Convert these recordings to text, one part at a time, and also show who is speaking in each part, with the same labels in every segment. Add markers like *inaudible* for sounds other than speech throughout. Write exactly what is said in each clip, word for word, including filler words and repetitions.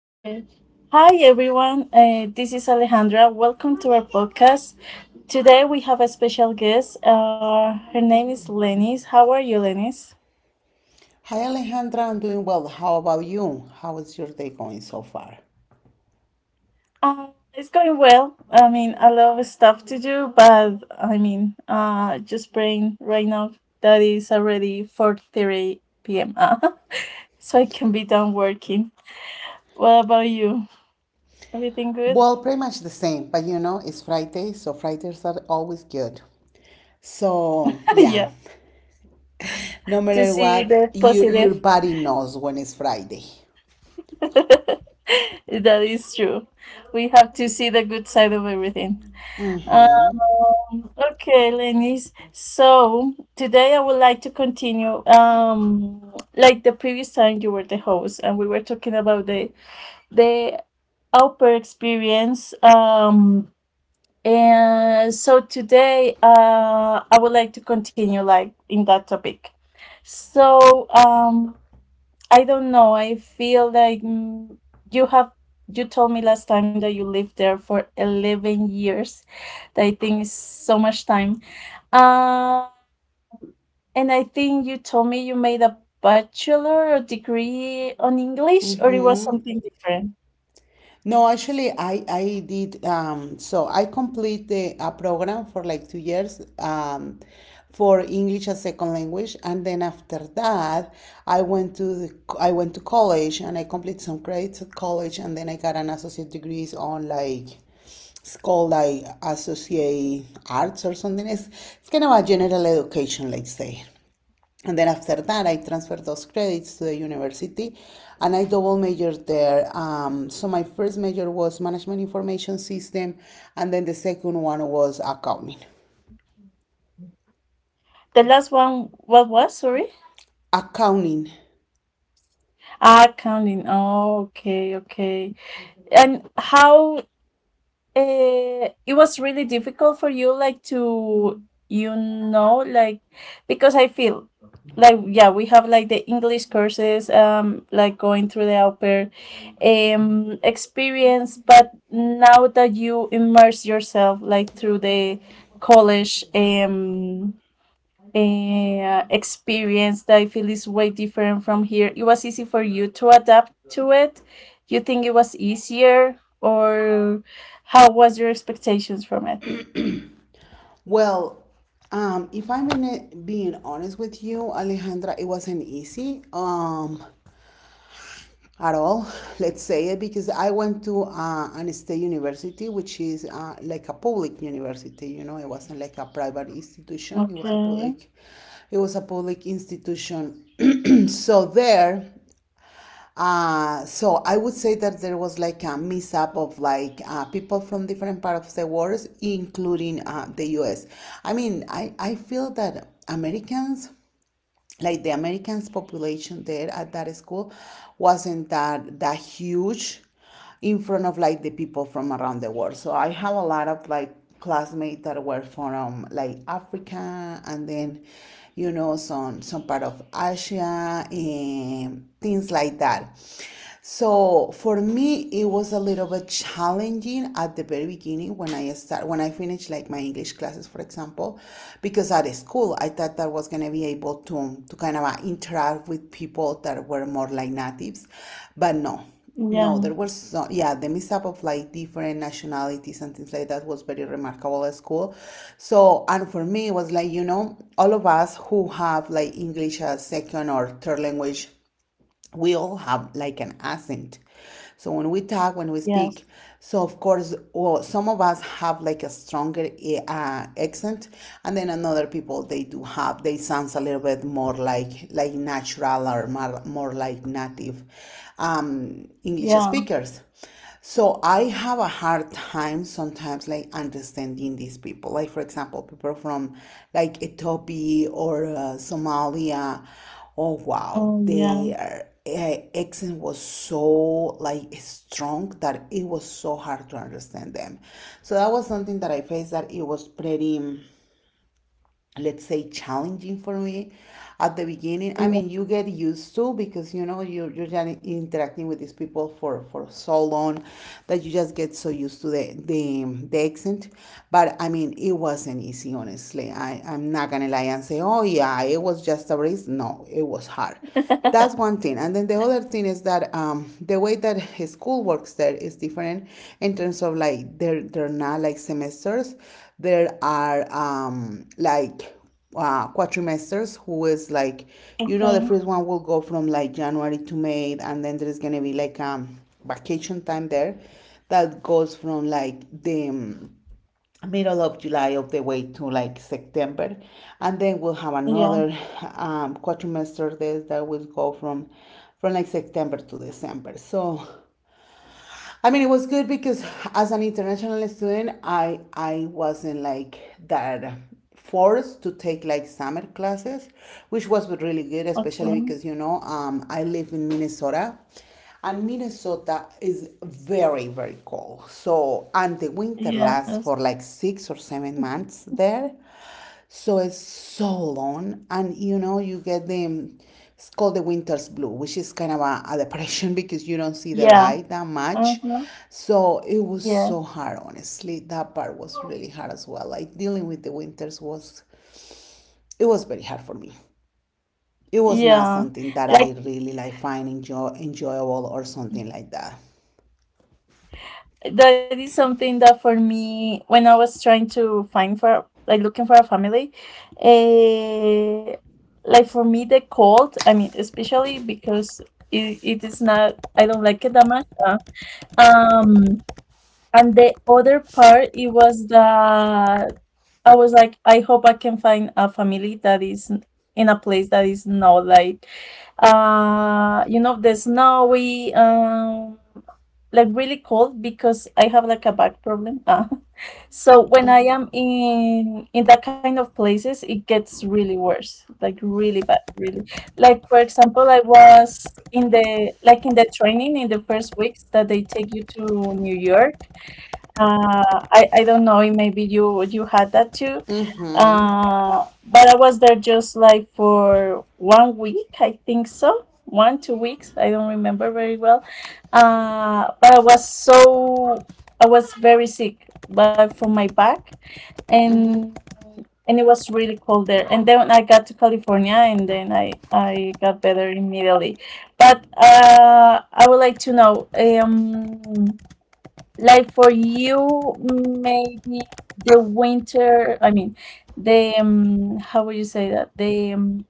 Speaker 1: Okay. Hi, everyone. Uh, this is Alejandra. Welcome to our podcast. Today we have a special guest. Uh, her name is Lenis. How are you, Lenis?
Speaker 2: Hi Alejandra, I'm doing well. How about you? How is your day going so far?
Speaker 1: Uh, it's going well. I mean, a lot of stuff to do, but I mean, uh, just praying right now that it's already four thirty p m uh, *laughs* so I can be done working. What about you? Everything good?
Speaker 2: Well, pretty much the same, but you know, it's Friday, so Fridays are always good. So,
Speaker 1: *laughs*
Speaker 2: yeah,
Speaker 1: yeah.
Speaker 2: no
Speaker 1: To
Speaker 2: matter
Speaker 1: see
Speaker 2: what,
Speaker 1: the
Speaker 2: your, your
Speaker 1: positive.
Speaker 2: body knows when it's Friday.
Speaker 1: *laughs* that is true. We have to see the good side of everything.
Speaker 2: Mm hmm.
Speaker 1: Um, okay, Lenis. So today I would like to continue. Um, like the previous time you were the host, and we were talking about the the upper experience. Um, and so today, uh, I would like to continue like in that topic. So, um, I don't know. I feel like, mm, you have you told me last time that you lived there for eleven years. That I think is so much time. Um and I think you told me you made a bachelor degree on English, or it was something different.
Speaker 2: No, actually, I I did. Um, so I complete the a program for like two years um, for English as second language, and then after that, I went to the, I went to college and I completed some credits at college, and then I got an associate degree on like it's called like associate arts or something. It's it's kind of a general education, let's say. And then after that, I transferred those credits to the university and I double majored there. Um, so my first major was Management Information System, and then the second one was Accounting.
Speaker 1: The last one, what was? Sorry.
Speaker 2: Accounting.
Speaker 1: Ah, counting. Oh, okay, okay. And how uh, it was really difficult for you, like to, you know like, because I feel like, yeah, we have like the English courses, um like going through the au pair um experience, but now that you immerse yourself like through the college um uh, experience that I feel is way different from here. It was easy for you to adapt to it. You think it was easier, or how was your expectations from it?
Speaker 2: Well, um, if I'm being honest with you, Alejandra, it wasn't easy. Um, at all, let's say it, because I went to uh, an state university, which is uh, like a public university. You know, it wasn't like a private institution; it was a
Speaker 1: Okay.
Speaker 2: public, it was a public institution. *clears throat* So there, uh, so I would say that there was like a mix up of like uh, people from different parts of the world, including uh, the U S. I mean, I I feel that Americans like the Americans population there at that school wasn't that that huge in front of like the people from around the world. So I have a lot of like classmates that were from like Africa, and then you know some some part of Asia and things like that. So for me, it was a little bit challenging at the very beginning when I start when I finished like my English classes, for example, because at school I thought that I was gonna be able to to kind of uh, interact with people that were more like natives, but no. No,
Speaker 1: Yeah.
Speaker 2: there was so yeah, the mix-up of like different nationalities and things like that was very remarkable at school. So, and for me, it was like, you know, all of us who have like English as second or third language, we all have like an accent. So when we talk, when we
Speaker 1: Yes.
Speaker 2: speak, so of course, well, some of us have like a stronger eh, uh, accent, and then another people they do have they sounds a little bit more like like natural or more, more like native um, English
Speaker 1: Yeah.
Speaker 2: speakers. So I have a hard time sometimes like understanding these people. Like for example, people from like Ethiopia or uh, Somalia. Oh wow,
Speaker 1: Oh, yeah.
Speaker 2: their uh, accent was so like strong that it was so hard to understand them. So that was something that I faced that it was pretty, let's say, challenging for me at the beginning. I
Speaker 1: Yeah.
Speaker 2: mean, you get used to because you know you're, you're just interacting with these people for for so long that you just get so used to the the, the accent. But I mean it wasn't easy, honestly. I i'm not gonna lie and say oh yeah it was just a breeze. No, it was hard. That's
Speaker 1: *laughs*
Speaker 2: one thing, and then the other thing is that um, the way that his school works there is different in terms of like they're they're not like semesters. There are um like uh, quatrimesters who is like, you know, the
Speaker 1: Okay.
Speaker 2: first one will go from like January to May, and then there's gonna be like um vacation time there that goes from like the um, middle of July all the way to like September, and then we'll have another
Speaker 1: Yeah.
Speaker 2: um quatrimester there that will go from from like September to December. So I mean, it was good because as an international student, I I wasn't like that forced to take like summer classes, which was really good,
Speaker 1: Okay.
Speaker 2: especially because you know um, I live in Minnesota, and Minnesota is very very cold. So and the winter lasts
Speaker 1: Yes.
Speaker 2: for like six or seven months there. So it's so long, and you know, you get the um, it's called the winter's blue, which is kind of a, a depression *laughs* because you don't see the
Speaker 1: Yeah.
Speaker 2: light that much.
Speaker 1: Uh-huh.
Speaker 2: So it was
Speaker 1: Yeah.
Speaker 2: so hard, honestly. That part was really hard as well. Like dealing with the winters was it was very hard for me. It was not
Speaker 1: Yeah.
Speaker 2: something that I
Speaker 1: Like
Speaker 2: really like find enjoy, enjoyable or something like that.
Speaker 1: that is something that for me, when I was trying to find for like looking for a family, eh, like for me the cold, I mean, especially because it, it is not I don't like it that much. Uh, um and the other part it was the. I was like, I hope I can find a family that is n- in a place that is not like, uh, you know, the snowy, um, like really cold because I have like a back problem. Uh, *laughs* so when I am in in that kind of places, it gets really worse, like really bad, really. Like for example, I was in the like in the training in the first weeks that they take you to New York. Uh, I, I don't know, maybe you you had that too. Uh, but I was there just like for one week, I think so. One, two weeks, I don't remember very well. Uh, but I was so I was very sick, but from my back and and it was really cold there. And then I got to California and then I I got better immediately. But uh, I would like to know, um like for you, maybe the winter, I mean, the, um, how would you say that? The, um,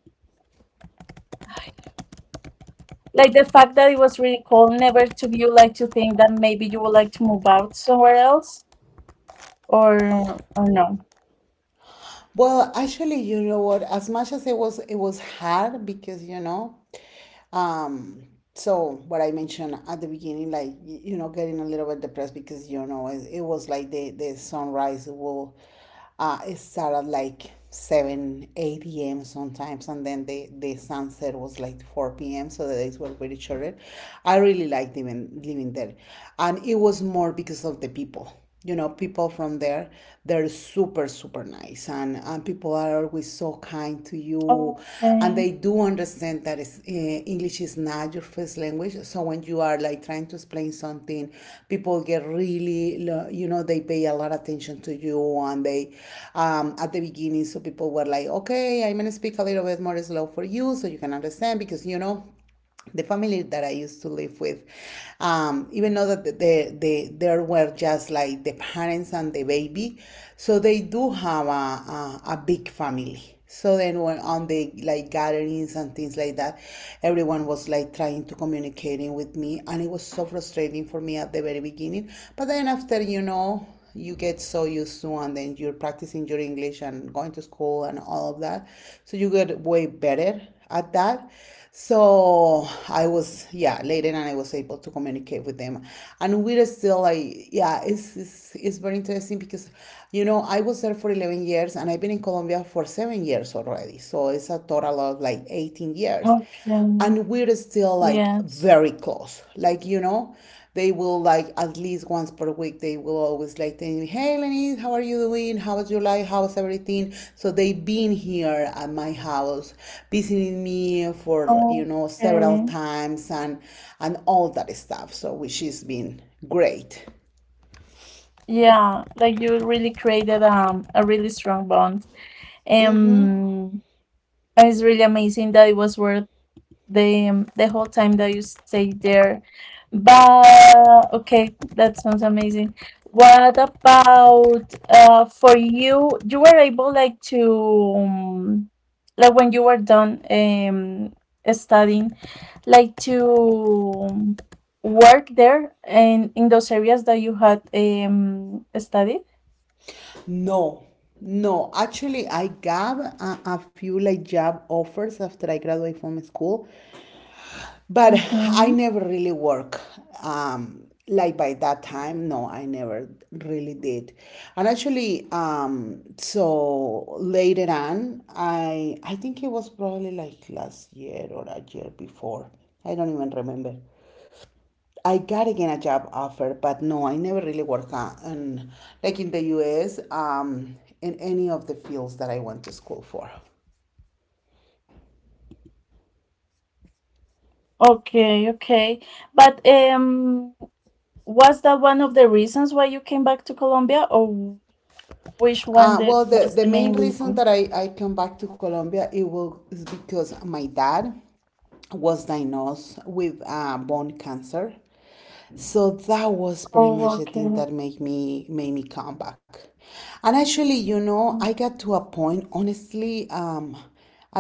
Speaker 1: Like the fact that it was really cold never took you like to think that maybe you would like to move out somewhere else or or no?
Speaker 2: Well, actually, you know what? As much as it was, it was hard because you know, um, so what I mentioned at the beginning, like y- you know, getting a little bit depressed because you know, it, it was like the the sunrise will, uh, it started like seven, eight a m sometimes, and then the the sunset was like four p m. So the days were pretty short. I really liked living living there, and it was more because of the people. You know people from there they're super super nice, and and people are always so kind to you, and
Speaker 1: Okay,
Speaker 2: they do understand that it's, uh, english is not your first language, so when you are like trying to explain something people get really lo- you know they pay a lot of attention to you and they um at the beginning so people were like okay I'm gonna speak a little bit more slow for you so you can understand because you know the family that I used to live with, um, even though that the, the, there were just like the parents and the baby, so they do have a, a, a big family. So then when on the like gatherings and things like that, everyone was like trying to communicating with me and it was so frustrating for me at the very beginning. But then after, you know, you get so used to and then you're practicing your English and going to school and all of that. So you get way better at that. So I was, yeah, later and I was able to communicate with them. And we're still like, yeah, it's, it's, it's very interesting because, you know, I was there for eleven years and I've been in Colombia for seven years already. So it's a total of like eighteen years
Speaker 1: okay,
Speaker 2: and we're still like
Speaker 1: yes,
Speaker 2: very close like you know they will like at least once per week they will always like tell me hey Lenise, how are you doing, how was your life, how's everything. So they've been here at my house visiting me for you know
Speaker 1: okay.
Speaker 2: several times and and all that stuff so which has been great.
Speaker 1: Yeah, like you really created um a really strong bond. Um, and it's really amazing that it was worth the um, the whole time that you stay there. But okay, that sounds amazing. What about uh for you? You were able like to, um, like when you were done um studying, like to, um, work there and in those areas that you had um studied.
Speaker 2: No, no, actually I got a, a few like job offers after I graduated from school. But I
Speaker 1: Mm-hmm.
Speaker 2: never really work. Um, like by that time, no, I never really did. And actually, um, so later on, I I think it was probably like last year or a year before. I don't even remember. I got again a job offer, but no, I never really work on, on like in the U S, um, in any of the fields that I went to school for.
Speaker 1: Okay, okay. But um was that one of the reasons why you came back to Colombia, or which one
Speaker 2: Uh,
Speaker 1: the,
Speaker 2: well, the,
Speaker 1: was
Speaker 2: the
Speaker 1: the
Speaker 2: main
Speaker 1: main
Speaker 2: reason
Speaker 1: reason?
Speaker 2: that I, I come back to Colombia it was is because my dad was diagnosed with uh, bone cancer. So that was pretty
Speaker 1: Oh,
Speaker 2: much the thing
Speaker 1: okay.
Speaker 2: that made me made me come back. And actually, you know,
Speaker 1: Oh,
Speaker 2: I got to a point, honestly, um,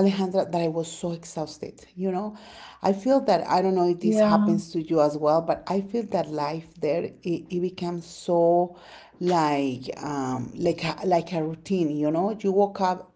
Speaker 2: Alejandra, that I was so exhausted. You know, I feel that I don't know if this
Speaker 1: Yeah.
Speaker 2: happens to you as well, but I feel that life there it, it becomes so like um like a, like a routine. You know, you woke up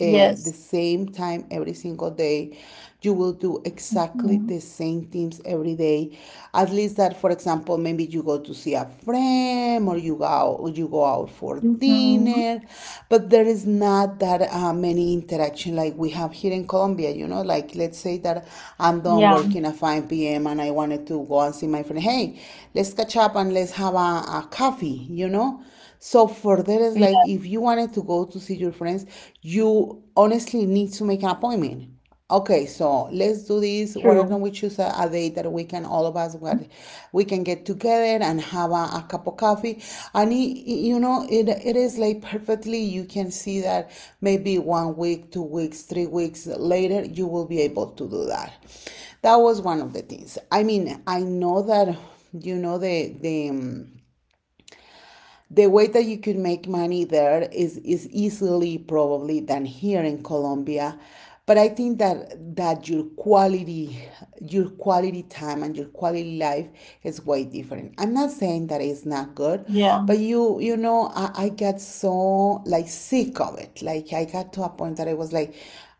Speaker 2: uh, the same time every single day. You will do exactly
Speaker 1: Hmm.
Speaker 2: the same things every day. At least that, for example, maybe you go to see see a friend or you go out, you go out for
Speaker 1: Hmm.
Speaker 2: dinner, but there is not that uh, many interaction like we have here in Colombia. You know, like let's say that I'm done
Speaker 1: Yeah.
Speaker 2: working at five p m and I wanted to go and see my friend. Hey, let's catch up and let's have a, a coffee. You know, so for that is
Speaker 1: Yeah.
Speaker 2: like if you wanted to go to see your friends, you honestly need to make an appointment. Okay, so let's do this. Why don't
Speaker 1: True.
Speaker 2: we choose a, a day that we can all of us where we can get together and have a, a cup of coffee? And it, you know, it it is like perfectly. You can see that maybe one week, two weeks, three weeks later, you will be able to do that. That was one of the things. I mean, I know that you know the the. Um, the way that you could make money there is is easily probably than here in Colombia, but I think that that your quality, your quality time and your quality life is way different. I'm not saying that it's not good,
Speaker 1: Yeah.
Speaker 2: but you you know i, I got so like sick of it. Like I got to a point that I was like,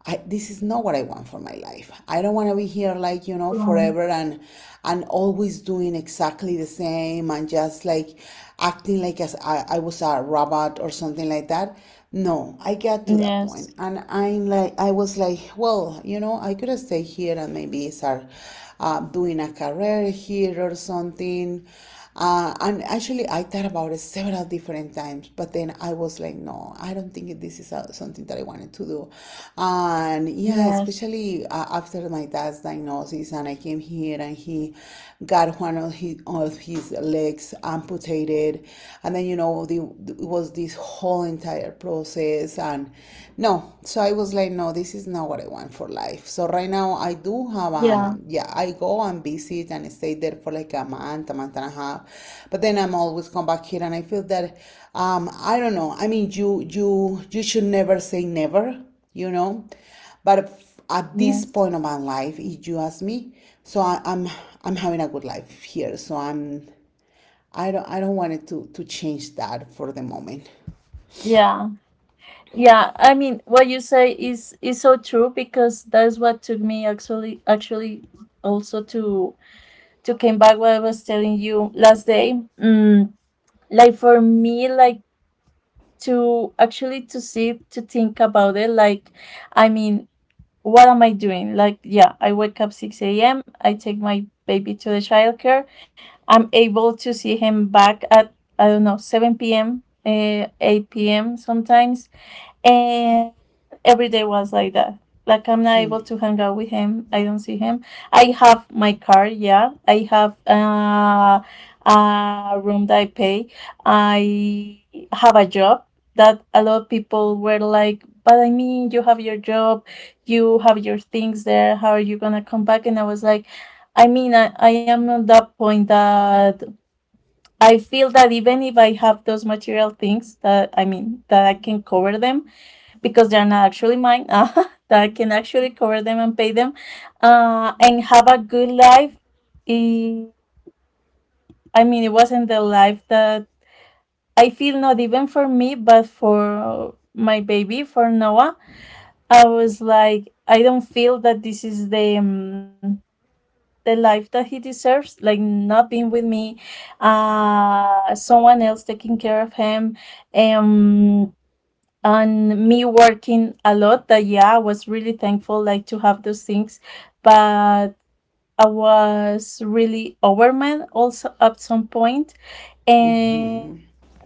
Speaker 2: I, this is not what I want for my life. I don't want to be here like, you know,
Speaker 1: Um,
Speaker 2: forever, and and always doing exactly the same and just like acting like as I, I was a robot or something like that. No, I got to that point
Speaker 1: yes.
Speaker 2: and I'm like, I was like, well, you know, I could have stayed here and maybe start uh, doing a career here or something, uh, and actually, I thought about it several different times, but then I was like, no, I don't think this is uh something that I wanted to do. And yeah,
Speaker 1: Yes.
Speaker 2: especially uh, after my dad's diagnosis, and I came here and he got one of his, of his legs amputated. And then, you know, the, it was this whole entire process. And no, so I was like, no, this is not what I want for life. So right now I do have
Speaker 1: Yeah.
Speaker 2: um yeah, I go and visit and stay there for like a month, a month and a half, but then I'm always come back here and I feel that, um I don't know, I mean you you you should never say never, you know, but f- at this
Speaker 1: Yes.
Speaker 2: point of my life, if you ask me, so I, I'm I'm having a good life here, so I'm I don't I don't want it to to change that for the moment.
Speaker 1: Yeah. Yeah. I mean, what you say is is so true because that's what took me actually actually also to to came back what I was telling you last day. Mm, like for me, like, to actually to sit to think about it, like, I mean, what am I doing? Like, yeah, I wake up six a.m. I take my baby to the childcare. I'm able to see him back at, I don't know, seven p.m., uh, eight p.m. sometimes. And every day was like that. Like, I'm not able to hang out with him. I don't see him. I have my car, yeah. I have, uh, a room that I pay. I have a job that a lot of people were like, but I mean, you have your job, you have your things there. How are you gonna come back? And I was like, I mean, i, I am at that point that I feel that even if I have those material things that, I mean, that I can cover them, because they're not actually mine. *laughs* Uh, that I can actually cover them and pay them, uh, and have a good life. I I mean, it wasn't the life that I feel not even for me, but for my baby, for Noah. I was like, I don't feel that this is the um, the life that he deserves. Like not being with me, uh, someone else taking care of him, um and me working a lot that, yeah, I was really thankful like to have those things, but I was really overwhelmed also at some point point. And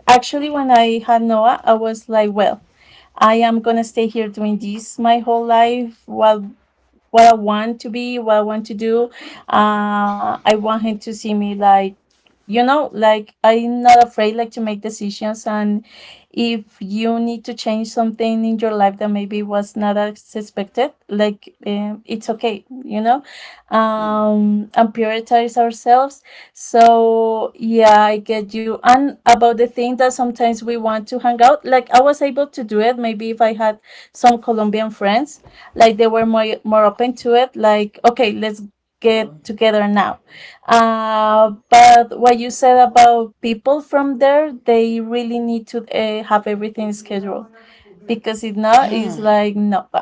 Speaker 1: actually when I had Noah, I was like, well, I am gonna stay here doing this my whole life while what I want to be, what I want to do. Uh, I want him to see me like, you know, like I'm not afraid like to make decisions. And if you need to change something in your life that maybe was not as expected, like, um, it's okay, you know, um, and prioritize ourselves. So yeah, I get you. And about the thing that sometimes we want to hang out, like I was able to do it. Maybe if I had some Colombian friends, like they were more more open to it, like, okay, let's get together now. Uh, but what you said about people from there, they really need to, uh, have everything scheduled, because if not, it's
Speaker 2: Yeah.
Speaker 1: like no, *laughs*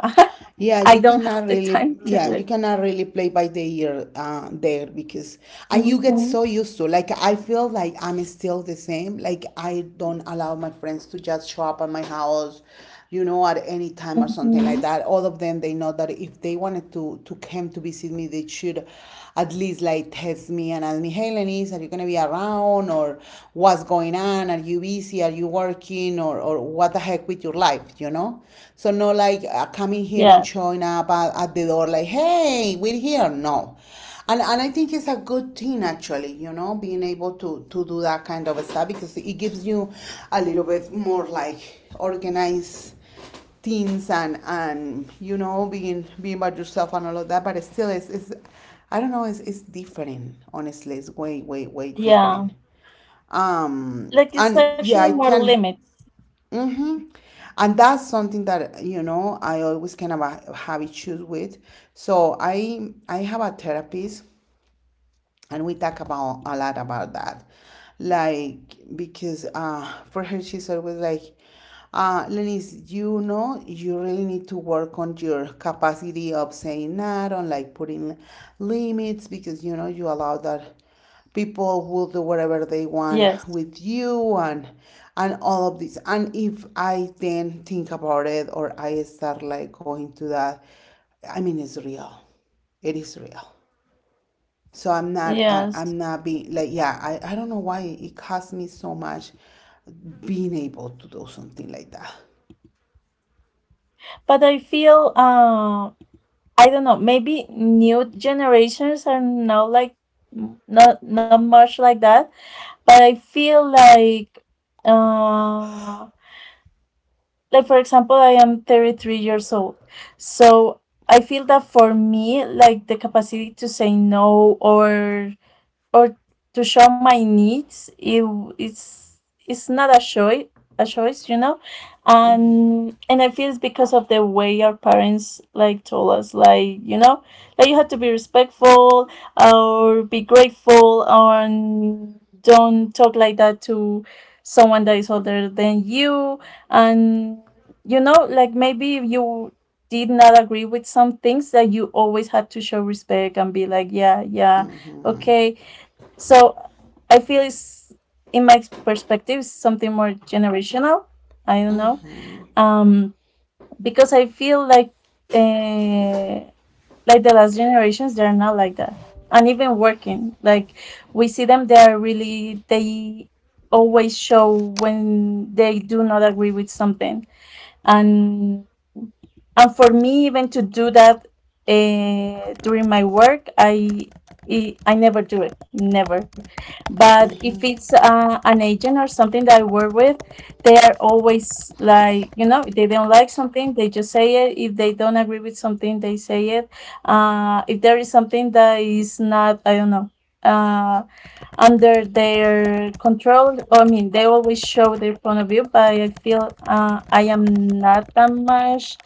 Speaker 2: Yeah,
Speaker 1: I
Speaker 2: you
Speaker 1: don't
Speaker 2: cannot
Speaker 1: have the
Speaker 2: really,
Speaker 1: time to
Speaker 2: yeah,
Speaker 1: do
Speaker 2: you
Speaker 1: it.
Speaker 2: cannot really play by the ear uh, there, because, and you get
Speaker 1: Hmm.
Speaker 2: so used to. Like I feel like I'm still the same. Like I don't allow my friends to just show up at my house, you know, at any time or something like
Speaker 1: Hmm.
Speaker 2: that. All of them, they know that if they wanted to to come to visit me, they should at least like text me and ask me, hey, Lenise, are you gonna be around, or what's going on? Are you busy? Are you working? Or or what the heck with your life, you know? So not like uh, coming here
Speaker 1: Yeah.
Speaker 2: and showing up at, at the door like, hey, we're here. No. And, and I think it's a good thing actually, you know, being able to, to do that kind of stuff, because it gives you a little bit more like organized things, and and you know, being being by yourself and all of that. But it still it's, it's I don't know, it's, it's different, honestly. It's way way way
Speaker 1: Yeah.
Speaker 2: different. Um,
Speaker 1: Like it's
Speaker 2: and
Speaker 1: actually
Speaker 2: yeah,
Speaker 1: more
Speaker 2: I can.
Speaker 1: limits.
Speaker 2: Mm-hmm. And that's something that, you know, I always kind of ha- have issues with. So I I have a therapist, and we talk about a lot about that, like, because uh for her, she's always like, uh Lenise, you know, you really need to work on your capacity of saying that, on like putting limits, because, you know, you allow that people will do whatever they want
Speaker 1: Yes.
Speaker 2: with you, and and all of this. And if I then think about it, or I start like going to that, I mean, it's real, it is real. So I'm not, I, I'm
Speaker 1: Yes.
Speaker 2: not being like, yeah, I, I don't know why it cost me so much being able to do something like that.
Speaker 1: But I feel, uh I don't know. Maybe new generations are now like, m- not not much like that. But I feel like, uh, like for example, I am thirty three years old, so I feel that for me, like the capacity to say no or or to show my needs, it, it's it's not a choice a choice you know. And and I feel it's because of the way our parents like told us, like, you know like you have to be respectful or be grateful and don't talk like that to someone that is older than you. And, you know like maybe if you did not agree with some things that you always had to show respect and be like, yeah, yeah, okay. So I feel it's, in my perspective, something more generational. I don't know. Um, because I feel like, uh, like the last generations, they are not like that. And even working, like we see them, they are really, they always show when they do not agree with something. And and for me, even to do that, uh, during my work, i i I never do it, never. But if it's, uh, an agent or something that I work with, they are always like, you know if they don't like something, they just say it. If they don't agree with something, they say it. Uh, if there is something that is not, I don't know, uh, under their control, I mean, they always show their point of view. But I feel, uh, I am not that much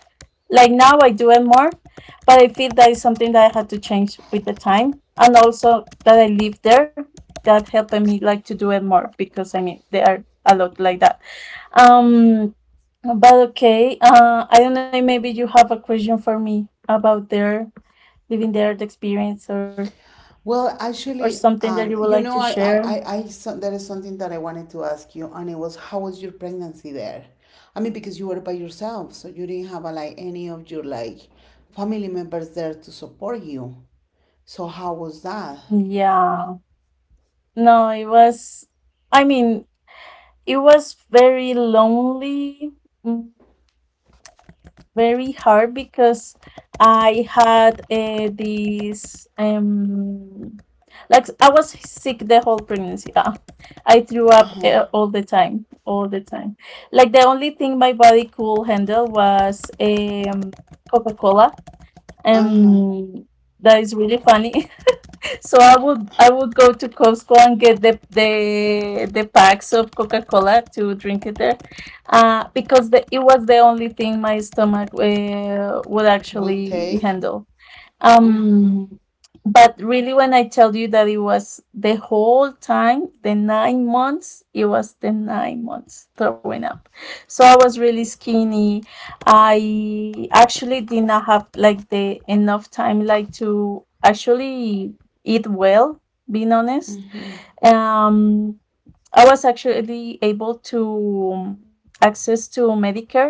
Speaker 1: like now, I do it more, but I feel that is something that I had to change with the time, and also that I live there, that helping me like to do it more because I mean they are a lot like that. Um, but okay, uh, I don't know. Maybe you have a question for me about their living there, the experience, or
Speaker 2: Well,
Speaker 1: or
Speaker 2: actually,
Speaker 1: something that
Speaker 2: um,
Speaker 1: you would
Speaker 2: you
Speaker 1: like
Speaker 2: know,
Speaker 1: to
Speaker 2: I, I,
Speaker 1: share.
Speaker 2: I, I so, there is something that I wanted to ask you, and it was how was your pregnancy there? I mean, because you were by yourself, so you didn't have a, like any of your like family members there to support you. So how was that?
Speaker 1: Yeah. No, it was. I mean, it was very lonely. very hard because I had, uh, this, um like I was sick the whole pregnancy. Uh, I threw up, uh, all the time, all the time. Like the only thing my body could handle was, um Coca Cola. Um, that is really funny. *laughs* So I would I would go to Costco and get the the the packs of Coca Cola to drink it there, uh, because the, it was the only thing my stomach, uh, would
Speaker 2: Will
Speaker 1: actually
Speaker 2: take.
Speaker 1: handle. Um, but really, when I tell you that it was the whole time, the nine months, it was the nine months throwing up. So I was really skinny. I actually did not have like the enough time like to actually eat well, being honest. Um, I was actually able to um, access to Medicare,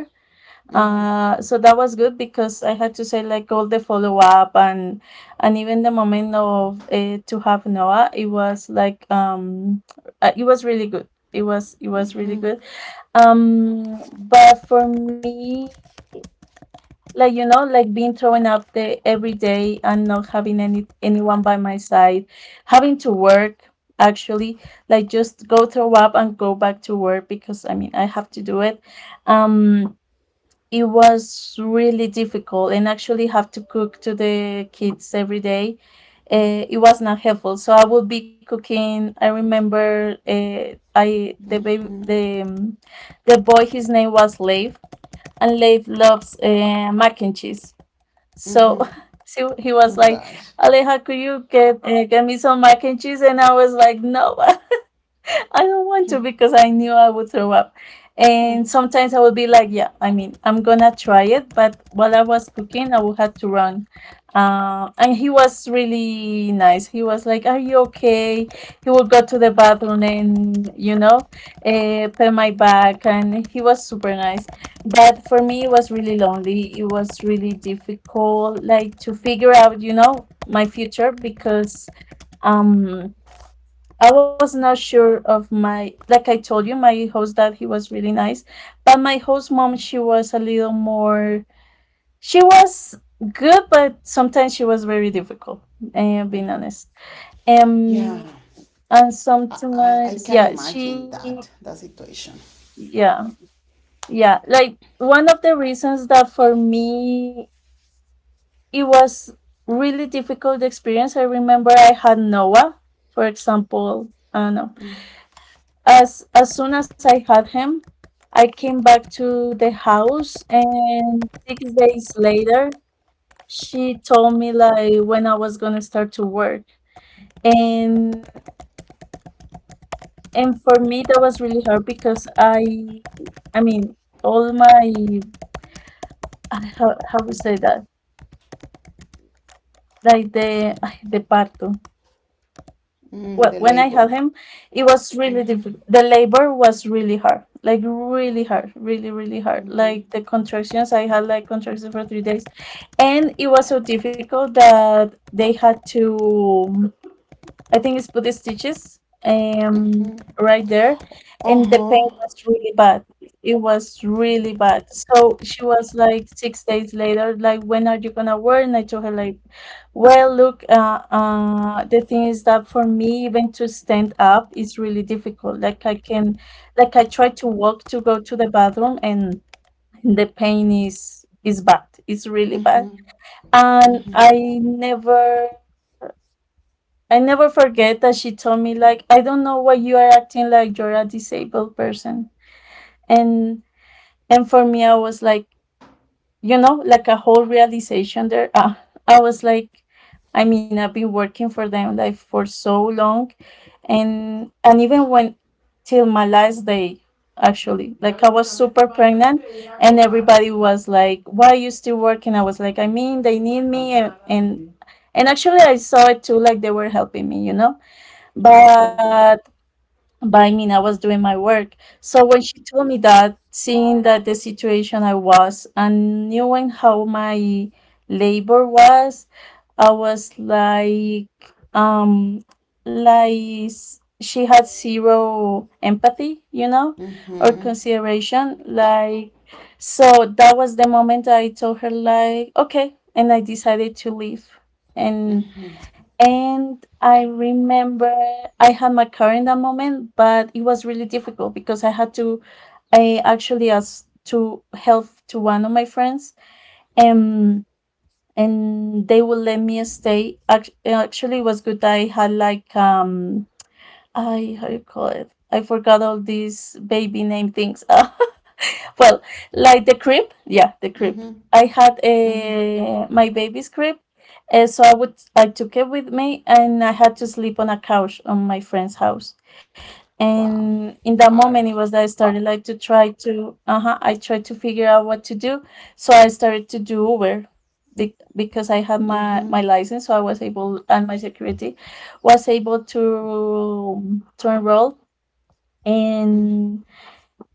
Speaker 1: uh, so that was good because I had to say like all the follow up, and and even the moment of uh, to have Noah, it was like um uh, it was really good. It was it was really good. Um, but for me, like you know, like being thrown out there every day and not having any anyone by my side, having to work actually like just go throw up and go back to work because I mean I have to do it. Um it was really difficult, and actually have to cook to the kids every day. Uh, it was not helpful. So I would be cooking. I remember uh, I the baby the um, the boy, his name was Leif, and Leif loves uh, mac and cheese. So, *laughs* so he was
Speaker 2: Oh
Speaker 1: like,
Speaker 2: gosh.
Speaker 1: "Aleja, could you get uh, get me some mac and cheese?" And I was like, "No." *laughs* *laughs* I don't want to, because I knew I would throw up. And sometimes I would be like, "Yeah, I mean, I'm gonna try it," but while I was cooking, I would have to run. Uh, and he was really nice. He was like, "Are you okay?" He would go to the bathroom and you know, uh, pat my back, and he was super nice. But for me, it was really lonely. It was really difficult, like to figure out, you know, my future because um I was not sure of my, like I told you, my host dad, he was really nice. But my host mom, she was a little more, she was good, but sometimes she was very difficult, and being honest.
Speaker 2: Yeah,
Speaker 1: Um, and
Speaker 2: I, I, I
Speaker 1: sometimes,
Speaker 2: can
Speaker 1: yeah,
Speaker 2: imagine
Speaker 1: she,
Speaker 2: that that situation.
Speaker 1: yeah, yeah. Like one of the reasons that for me, it was really difficult experience. I remember I had Noah, for example, I don't know. As as soon as I had him, I came back to the house, and six days later, she told me, like, when I was gonna start to work. And and for me, that was really hard because I I mean, all my, I how how to say that? Like the *sighs* the parto.
Speaker 2: Mm,
Speaker 1: Well,
Speaker 2: the
Speaker 1: when I had
Speaker 2: labor.
Speaker 1: him, it was really difficult. The labor was really hard, like really hard, really, really hard. Like the contractions, I had like contractions for three days. And it was so difficult that they had to, I think it's Buddhist stitches, um right there.
Speaker 2: Uh
Speaker 1: And the pain
Speaker 2: huh.
Speaker 1: was really bad. It was really bad. So she was like six days later, like, "When are you gonna wear?" And I told her like, "Well, look, uh, uh, the thing is that for me, even to stand up is really difficult. Like I can, like I try to walk to go to the bathroom, and the pain is is bad. It's really bad." And I never I never forget that she told me like, "I don't know why you are acting like you're a disabled person." And and for me I was like, you know, like a whole realization there. Uh, I was like, I mean, I've been working for them like for so long, and and even when, till my last day actually, like I was super pregnant, and everybody was like, "Why are you still working?" I was like, I mean, they need me, and and and actually I saw it too, like they were helping me, you know, but but I mean, I was doing my work. So when she told me that, seeing that the situation I was and knowing how my labor was, I was like, um, like s- she had zero empathy, you know, or
Speaker 2: Mm-hmm.
Speaker 1: consideration. Like, so that was the moment I told her, like, okay, and I decided to leave. And and I remember I had my car in that moment, but it was really difficult because I had to, I actually asked to help to one of my friends, and and they would let me stay. Act- Actually, it was good that I had like um, I how you call it? I forgot all these baby name things. *laughs* Well, like the crib, yeah, the crib.
Speaker 2: Mm-hmm.
Speaker 1: I had a my baby's crib, and so I would I took it with me, and I had to sleep on a couch on my friend's house.
Speaker 2: Wow.
Speaker 1: And in that moment, it
Speaker 2: Hard.
Speaker 1: was that I started like to try to uh huh I tried to figure out what to do, so I started to do Uber. be- Because I had my, my license, so I was able, and my security was able to to enroll, and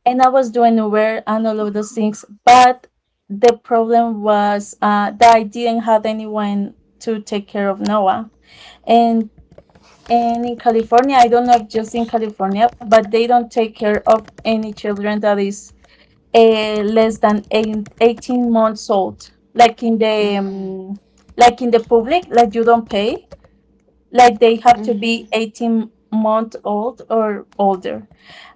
Speaker 1: and I was doing Uber and all of those things. But the problem was uh, that I didn't have anyone to take care of Noah. And and in California, I don't know if just in California, but they don't take care of any children that is uh, less than eight, eighteen months old. Like in the um, like in the public, like you don't pay. Like they have to
Speaker 2: Mm-hmm.
Speaker 1: be eighteen month old or older,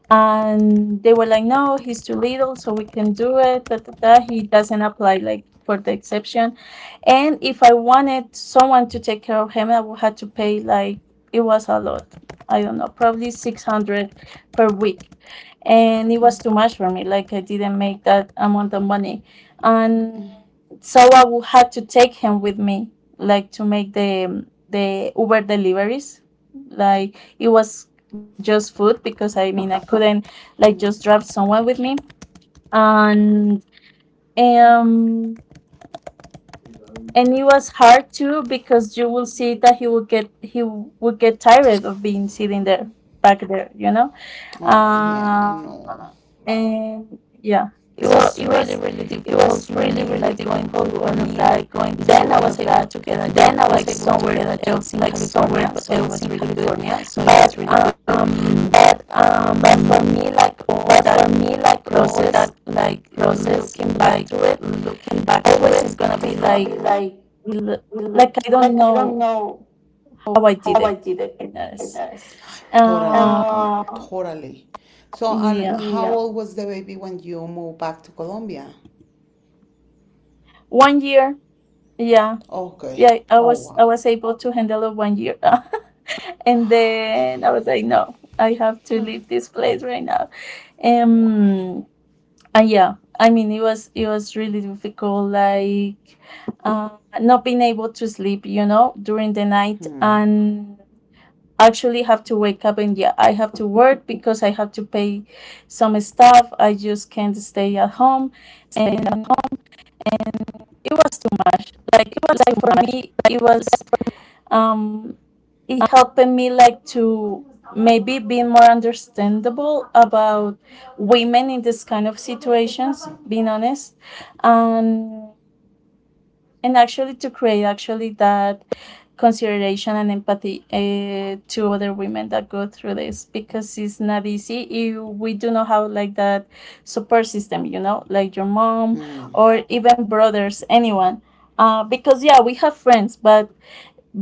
Speaker 1: and they were like, "No, he's too little, so we can do it. Da, da, da. He doesn't apply like for the exception." And if I wanted someone to take care of him, I would have to pay like, it was a lot. I don't know, probably six hundred per week. And it was too much for me. Like I didn't make that amount of money. And so I would have to take him with me, like to make the the Uber deliveries. Like it was just food, because I mean I couldn't like just drive somewhere with me, and um and it was hard too because you will see that he would get he would get tired of being sitting there back there, you know,
Speaker 2: Oh yeah, I
Speaker 1: uh,
Speaker 2: know.
Speaker 1: and yeah, it, It was it really, was really it was really, really, really like going home for me, like like going, then I was to able to together, then I was like somewhere, get a else, like somewhere, so it else was really good for me, California. So it but really um But um but for um, me, like all that for me, like all process that, like process looking back back, to it looking back, always is is gonna be
Speaker 2: It's gonna be
Speaker 1: like,
Speaker 2: like,
Speaker 1: l- like I
Speaker 2: like
Speaker 1: don't
Speaker 2: I don't
Speaker 1: know
Speaker 2: know
Speaker 1: how I
Speaker 2: how
Speaker 1: did
Speaker 2: I
Speaker 1: it.
Speaker 2: did it for
Speaker 1: Yes.
Speaker 2: this. Totally.
Speaker 1: Uh,
Speaker 2: Uh, Totally. So, and
Speaker 1: yeah.
Speaker 2: how yeah, old was the baby when you moved back to Colombia?
Speaker 1: One year. Yeah. Yeah.
Speaker 2: Okay.
Speaker 1: I
Speaker 2: Oh
Speaker 1: was I
Speaker 2: wow.
Speaker 1: was able to handle it one year, *laughs* and then I was like, no, I have to leave this place right now.
Speaker 2: Wow.
Speaker 1: Um. And yeah, I mean, it was it was really difficult. Like, uh, not being able to sleep, you know, during the night, and actually have to wake up and yeah, I have to work because I have to pay some stuff. I just can't stay at home, and at home and it was too much. Like it was like for me it was um it helping me like to maybe be more understandable about women in this kind of situations, being honest, and and actually to create actually that consideration and empathy uh, to other women that go through this, because it's not easy if we do not have like that support system, you know, like your mom
Speaker 2: Hmm.
Speaker 1: or even brothers, anyone, uh, because yeah, we have friends but,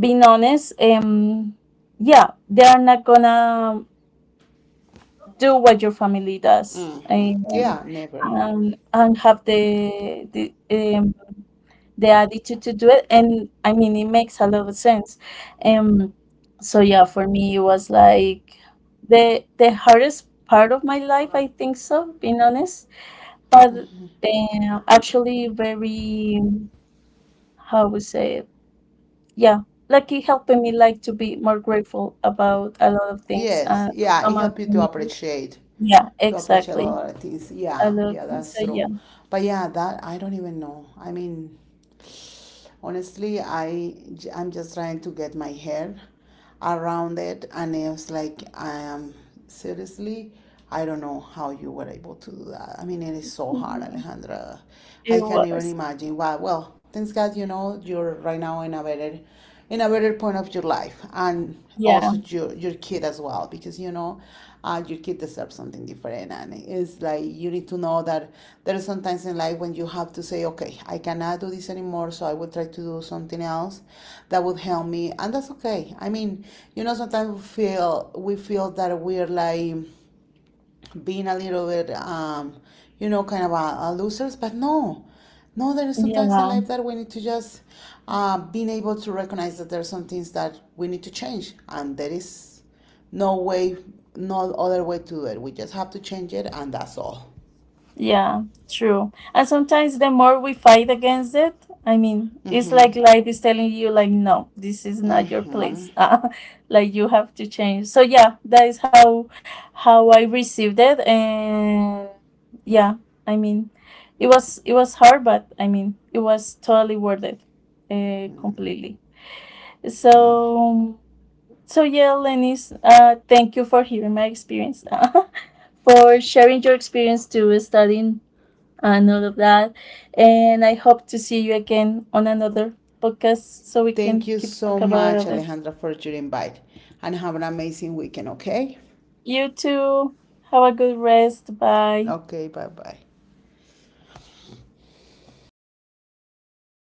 Speaker 1: being honest, um yeah, they are not gonna do what your family does,
Speaker 2: Mm-hmm.
Speaker 1: um,
Speaker 2: Yeah, never.
Speaker 1: and, and have the, the um, the attitude to do it, and I mean it makes a lot of sense. um so yeah, for me it was like the the hardest part of my life, I think so, being honest. But um, actually, very, how we say it, yeah, like it helping me like to be more grateful about a lot of things,
Speaker 2: Yes,
Speaker 1: uh,
Speaker 2: yeah, it
Speaker 1: about
Speaker 2: helps you to
Speaker 1: community.
Speaker 2: appreciate,
Speaker 1: Yeah,
Speaker 2: to appreciate a
Speaker 1: exactly,
Speaker 2: lot of things.
Speaker 1: a
Speaker 2: Yeah,
Speaker 1: lot of
Speaker 2: yeah,
Speaker 1: things,
Speaker 2: that's
Speaker 1: so
Speaker 2: true.
Speaker 1: yeah,
Speaker 2: But yeah, that I don't even know. I mean, honestly, I j- I'm just trying to get my head around it, and it's like I am seriously, I don't know how you were able to do that. I mean, it is so hard,
Speaker 1: yeah
Speaker 2: Alejandra.
Speaker 1: it
Speaker 2: I can't
Speaker 1: was,
Speaker 2: even imagine. Why? Well, thanks God, you know, you're right now in a better, in a better point of your life, and
Speaker 1: yeah,
Speaker 2: also your your kid as well, because you know, uh, your kid deserves something different, and it's like you need to know that there are sometimes in life when you have to say, okay, I cannot do this anymore, so I will try to do something else that would help me, and that's okay. I mean, you know, sometimes we feel, we feel that we're like being a little bit, um, you know, kind of a, a losers. But no, no, there is sometimes in
Speaker 1: yeah.
Speaker 2: life that we need to just uh, being able to recognize that there are some things that we need to change, and there is no way, no other way to do it. We just have to change it, and that's all.
Speaker 1: Yeah, true. And sometimes the more we fight against it, I mean, it's
Speaker 2: Mm-hmm.
Speaker 1: like life is telling you, like, no, this is not your
Speaker 2: Mm-hmm.
Speaker 1: place. *laughs* Uh, like you have to change. So yeah, that is how how I received it, and yeah, I mean, it was it was hard, but I mean, it was totally worth it, uh, completely. So so yeah, Lenis, Uh, thank you for hearing my experience. *laughs* For sharing your experience to studying and all of that. And I hope to see you again on another podcast, so we
Speaker 2: Thank
Speaker 1: can
Speaker 2: you
Speaker 1: keep
Speaker 2: so
Speaker 1: talk
Speaker 2: much,
Speaker 1: about it.
Speaker 2: Alejandra, for your invite, and have an amazing weekend. Okay.
Speaker 1: You too. Have a good rest. Bye.
Speaker 2: Okay. Bye bye.